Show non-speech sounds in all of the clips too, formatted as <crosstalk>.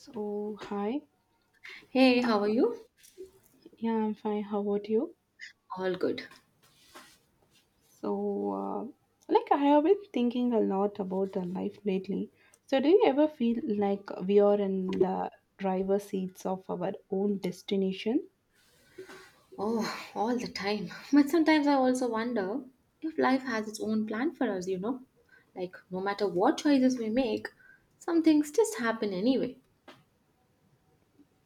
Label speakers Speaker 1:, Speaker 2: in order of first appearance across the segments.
Speaker 1: So, hi.
Speaker 2: Hey, how are
Speaker 1: Uh,
Speaker 2: you?
Speaker 1: yeah, I'm fine. How about you?
Speaker 2: All good.
Speaker 1: So, like, I have been thinking a lot about the life lately. So, do you ever feel like we are in the driver's seats of our own destination?
Speaker 2: Oh, all the time. But sometimes I also wonder if life has its own plan for us, you know? Like, no matter what choices we make, some things just happen anyway.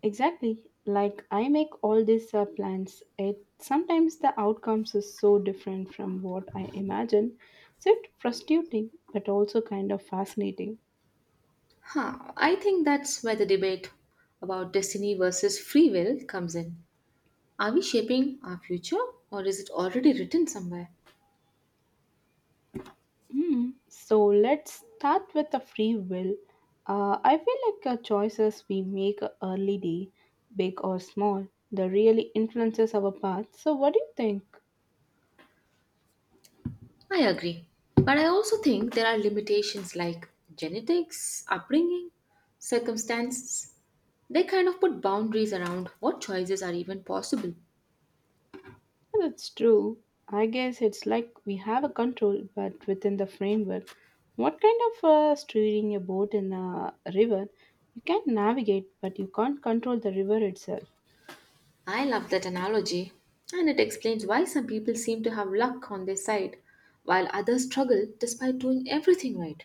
Speaker 1: Exactly. Like, I make all these plans. It sometimes the outcomes is so different from what I imagine. So, it's frustrating, but also kind of fascinating.
Speaker 2: Huh, I think that's where the debate about destiny versus free will comes in. Are we shaping our future, or is it already written somewhere?
Speaker 1: Hmm. So let's start with the free will. I feel like choices we make early day, big or small, that really influences our path. So what do you think?
Speaker 2: I agree. But I also think there are limitations like genetics, upbringing, circumstances. They kind of put boundaries around what choices are even possible.
Speaker 1: Well, that's true. I guess it's like we have a control, but within the framework. What kind of steering a boat in a river? You can navigate, but you can't control the river itself.
Speaker 2: I love that analogy, and it explains why some people seem to have luck on their side while others struggle despite doing everything right.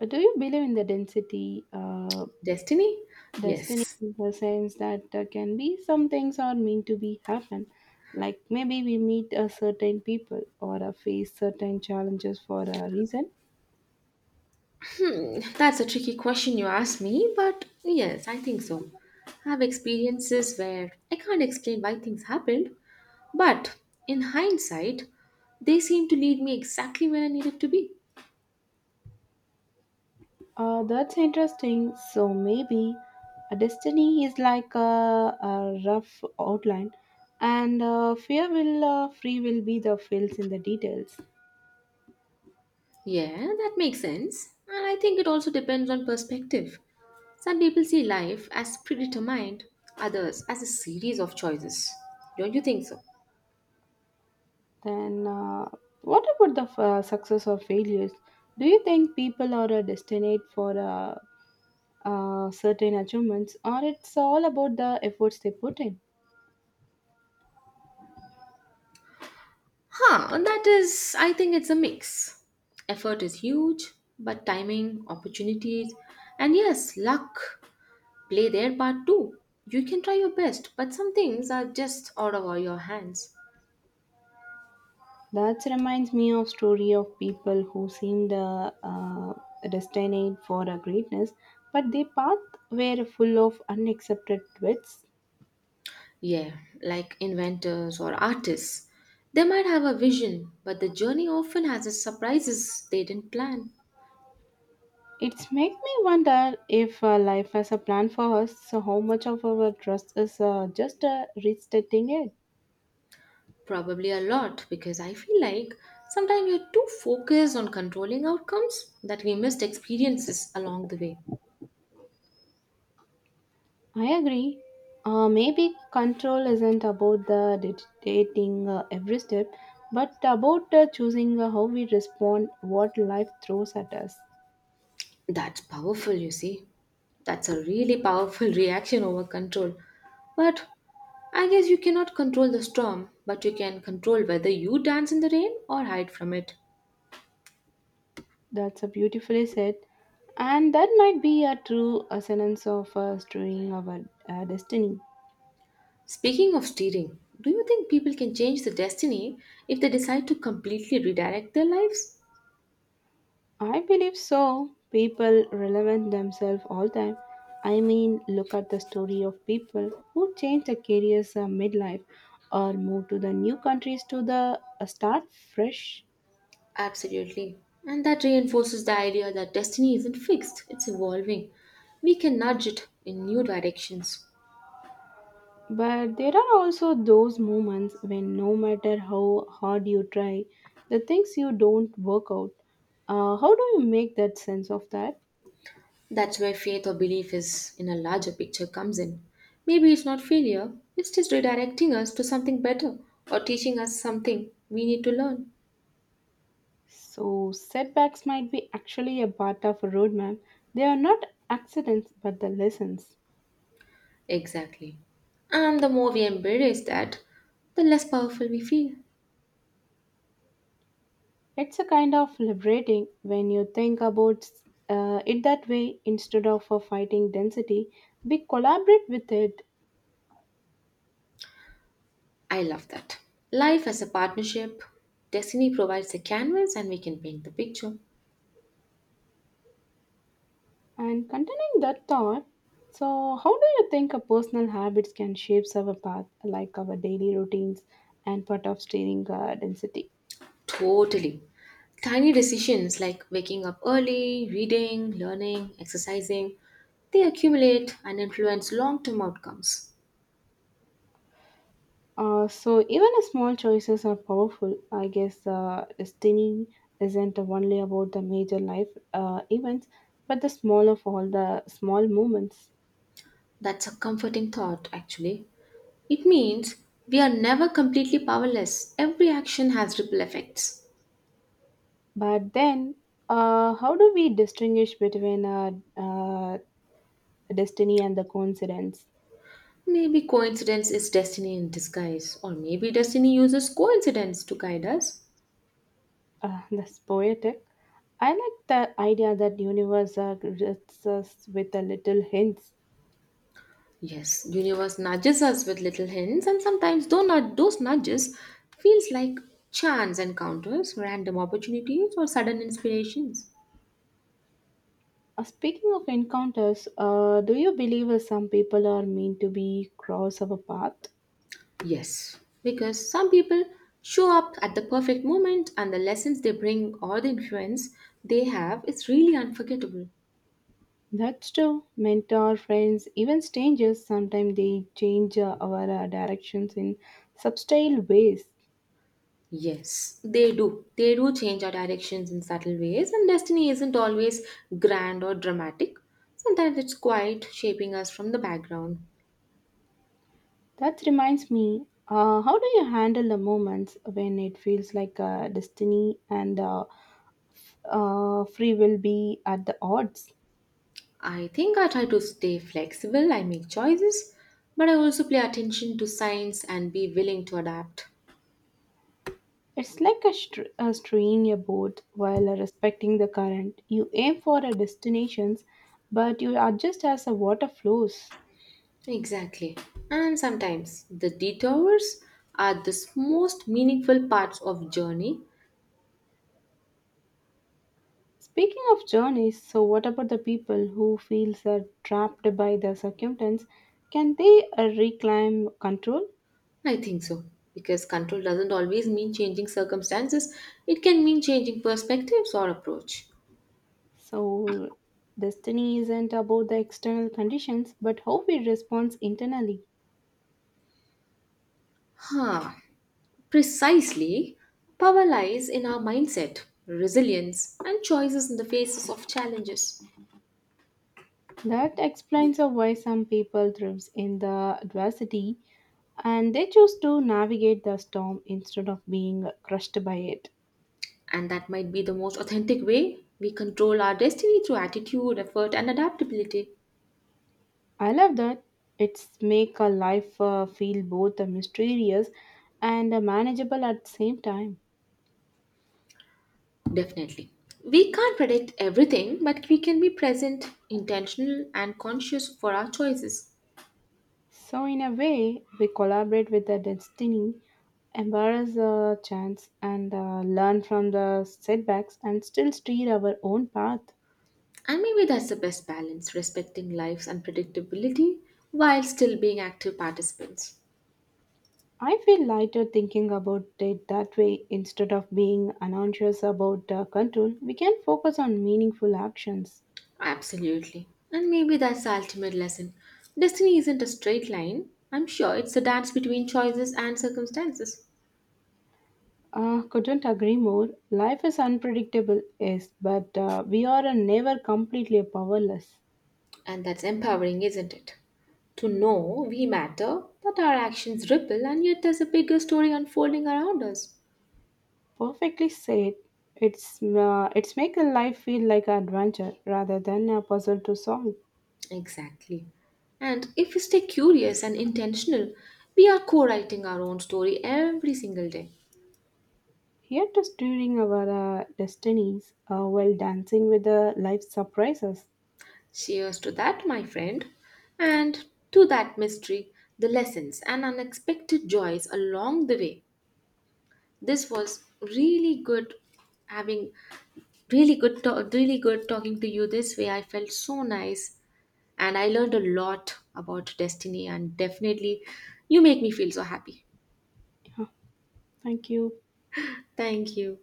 Speaker 1: Do you believe in the density?
Speaker 2: Destiny?
Speaker 1: Destiny
Speaker 2: Yes.
Speaker 1: in the sense that there can be some things are meant to be happen like maybe we meet a certain people or face certain challenges for a reason.
Speaker 2: That's a tricky question you asked me, but yes, I think so. I have experiences where I can't explain why things happened, but in hindsight, they seem to lead me exactly where I needed to be.
Speaker 1: That's interesting, so maybe a destiny is like a rough outline and fear will free will be the fills in the details.
Speaker 2: Yeah, that makes sense. And I think it also depends on perspective. Some people see life as predetermined, others as a series of choices. Don't you think so?
Speaker 1: Then what about the success or failures? Do you think people are destined for certain achievements, or it's all about the efforts they put in?
Speaker 2: I think it's a mix. Effort is huge, but timing, opportunities, and yes, luck play their part too. You can try your best, but some things are just out of all your hands.
Speaker 1: That reminds me of story of people who seemed destined for a greatness, but their path were full of unaccepted twists.
Speaker 2: Yeah, like inventors or artists. They might have a vision, but the journey often has its surprises they didn't plan.
Speaker 1: It's make me wonder if life has a plan for us, so how much of our trust is just restating it.
Speaker 2: Probably a lot, because I feel like sometimes we're too focused on controlling outcomes that we missed experiences along the way.
Speaker 1: I agree. Maybe control isn't about the dictating every step, but about choosing how we respond, what life throws at us.
Speaker 2: That's powerful, you see. That's a really powerful <laughs> reaction over control. But I guess you cannot control the storm, but you can control whether you dance in the rain or hide from it.
Speaker 1: That's a beautifully said, and that might be a true essence of stewing our destiny.
Speaker 2: Speaking of steering, do you think people can change their destiny if they decide to completely redirect their lives?
Speaker 1: I believe so. People relevant themselves all time. I mean, look at the story of people who change their careers midlife or move to the new countries to the start fresh.
Speaker 2: Absolutely. And that reinforces the idea that destiny isn't fixed, it's evolving. We can nudge it in new directions.
Speaker 1: But there are also those moments when no matter how hard you try, the things you don't work out. How do you make that sense of that?
Speaker 2: That's where faith or belief is in a larger picture comes in. Maybe it's not failure, it's just redirecting us to something better or teaching us something we need to learn.
Speaker 1: So, setbacks might be actually a part of a roadmap. They are not accidents but the lessons.
Speaker 2: Exactly. And the more we embrace that, the less powerful we feel.
Speaker 1: It's a kind of liberating when you think about it that way instead of fighting density. We collaborate with it.
Speaker 2: I love that. Life as a partnership, destiny provides a canvas and we can paint the picture.
Speaker 1: And continuing that thought, so how do you think a personal habits can shape our path, like our daily routines and part of steering density?
Speaker 2: Totally. Tiny decisions like waking up early, reading, learning, exercising, they accumulate and influence long term outcomes.
Speaker 1: So even a small choices are powerful. I guess destiny isn't only about the major life events, but the small of all the small moments.
Speaker 2: That's a comforting thought, actually. It means we are never completely powerless. Every action has ripple effects.
Speaker 1: But then, how do we distinguish between destiny and the coincidence?
Speaker 2: Maybe coincidence is destiny in disguise, or maybe destiny uses coincidence to guide us.
Speaker 1: That's poetic. I like the idea that universe grits us with a little hints.
Speaker 2: Yes, universe nudges us with little hints, and sometimes though not those nudges feels like chance encounters, random opportunities, or sudden inspirations.
Speaker 1: Speaking of encounters, do you believe some people are meant to be cross our path?
Speaker 2: Yes, because some people show up at the perfect moment, and the lessons they bring or the influence they have is really unforgettable.
Speaker 1: That's true. Mentor, friends, even strangers, sometimes they change our directions in subtle ways.
Speaker 2: Yes, they do. They do change our directions in subtle ways, and destiny isn't always grand or dramatic. Sometimes it's quiet, shaping us from the background.
Speaker 1: That reminds me, how do you handle the moments when it feels like destiny and free will be at the odds?
Speaker 2: I think I try to stay flexible, I make choices, but I also pay attention to signs and be willing to adapt.
Speaker 1: It's like a steering a boat while respecting the current. You aim for a destination, but you adjust as the water flows.
Speaker 2: Exactly. And sometimes the detours are the most meaningful parts of journey.
Speaker 1: Speaking of journeys, so what about the people who feels trapped by the circumstance? Can they reclaim control?
Speaker 2: I think so. Because control doesn't always mean changing circumstances, it can mean changing perspectives or approach.
Speaker 1: So destiny isn't about the external conditions, but how we respond internally.
Speaker 2: Huh. Precisely, power lies in our mindset, resilience, and choices in the faces of challenges.
Speaker 1: That explains why some people thrives in the adversity and they choose to navigate the storm instead of being crushed by it.
Speaker 2: And that might be the most authentic way we control our destiny through attitude, effort, and adaptability.
Speaker 1: I love that. It's make a life feel both mysterious and manageable at the same time.
Speaker 2: Definitely. We can't predict everything, but we can be present, intentional, and conscious for our choices.
Speaker 1: So in a way, we collaborate with the destiny, embrace the chance, and learn from the setbacks, and still steer our own path.
Speaker 2: And maybe that's the best balance, respecting life's unpredictability while still being active participants.
Speaker 1: I feel lighter thinking about it that way instead of being anxious about control. We can focus on meaningful actions.
Speaker 2: Absolutely. And maybe that's the ultimate lesson. Destiny isn't a straight line. I'm sure it's a dance between choices and circumstances.
Speaker 1: Couldn't agree more. Life is unpredictable, yes, but we are never completely powerless.
Speaker 2: And that's empowering, isn't it? To know we matter, that our actions ripple, and yet there's a bigger story unfolding around us.
Speaker 1: Perfectly said. It's make a life feel like an adventure rather than a puzzle to solve.
Speaker 2: Exactly. And if we stay curious and intentional, we are co writing our own story every single day.
Speaker 1: Here to steering our destinies while dancing with the life surprises.
Speaker 2: Cheers to that, my friend. And to that mystery, the lessons and unexpected joys along the way. This was really good having really good, to- really good talking to you this way. I felt so nice and I learned a lot about destiny and definitely you make me feel so happy.
Speaker 1: Yeah, thank you.
Speaker 2: Thank you.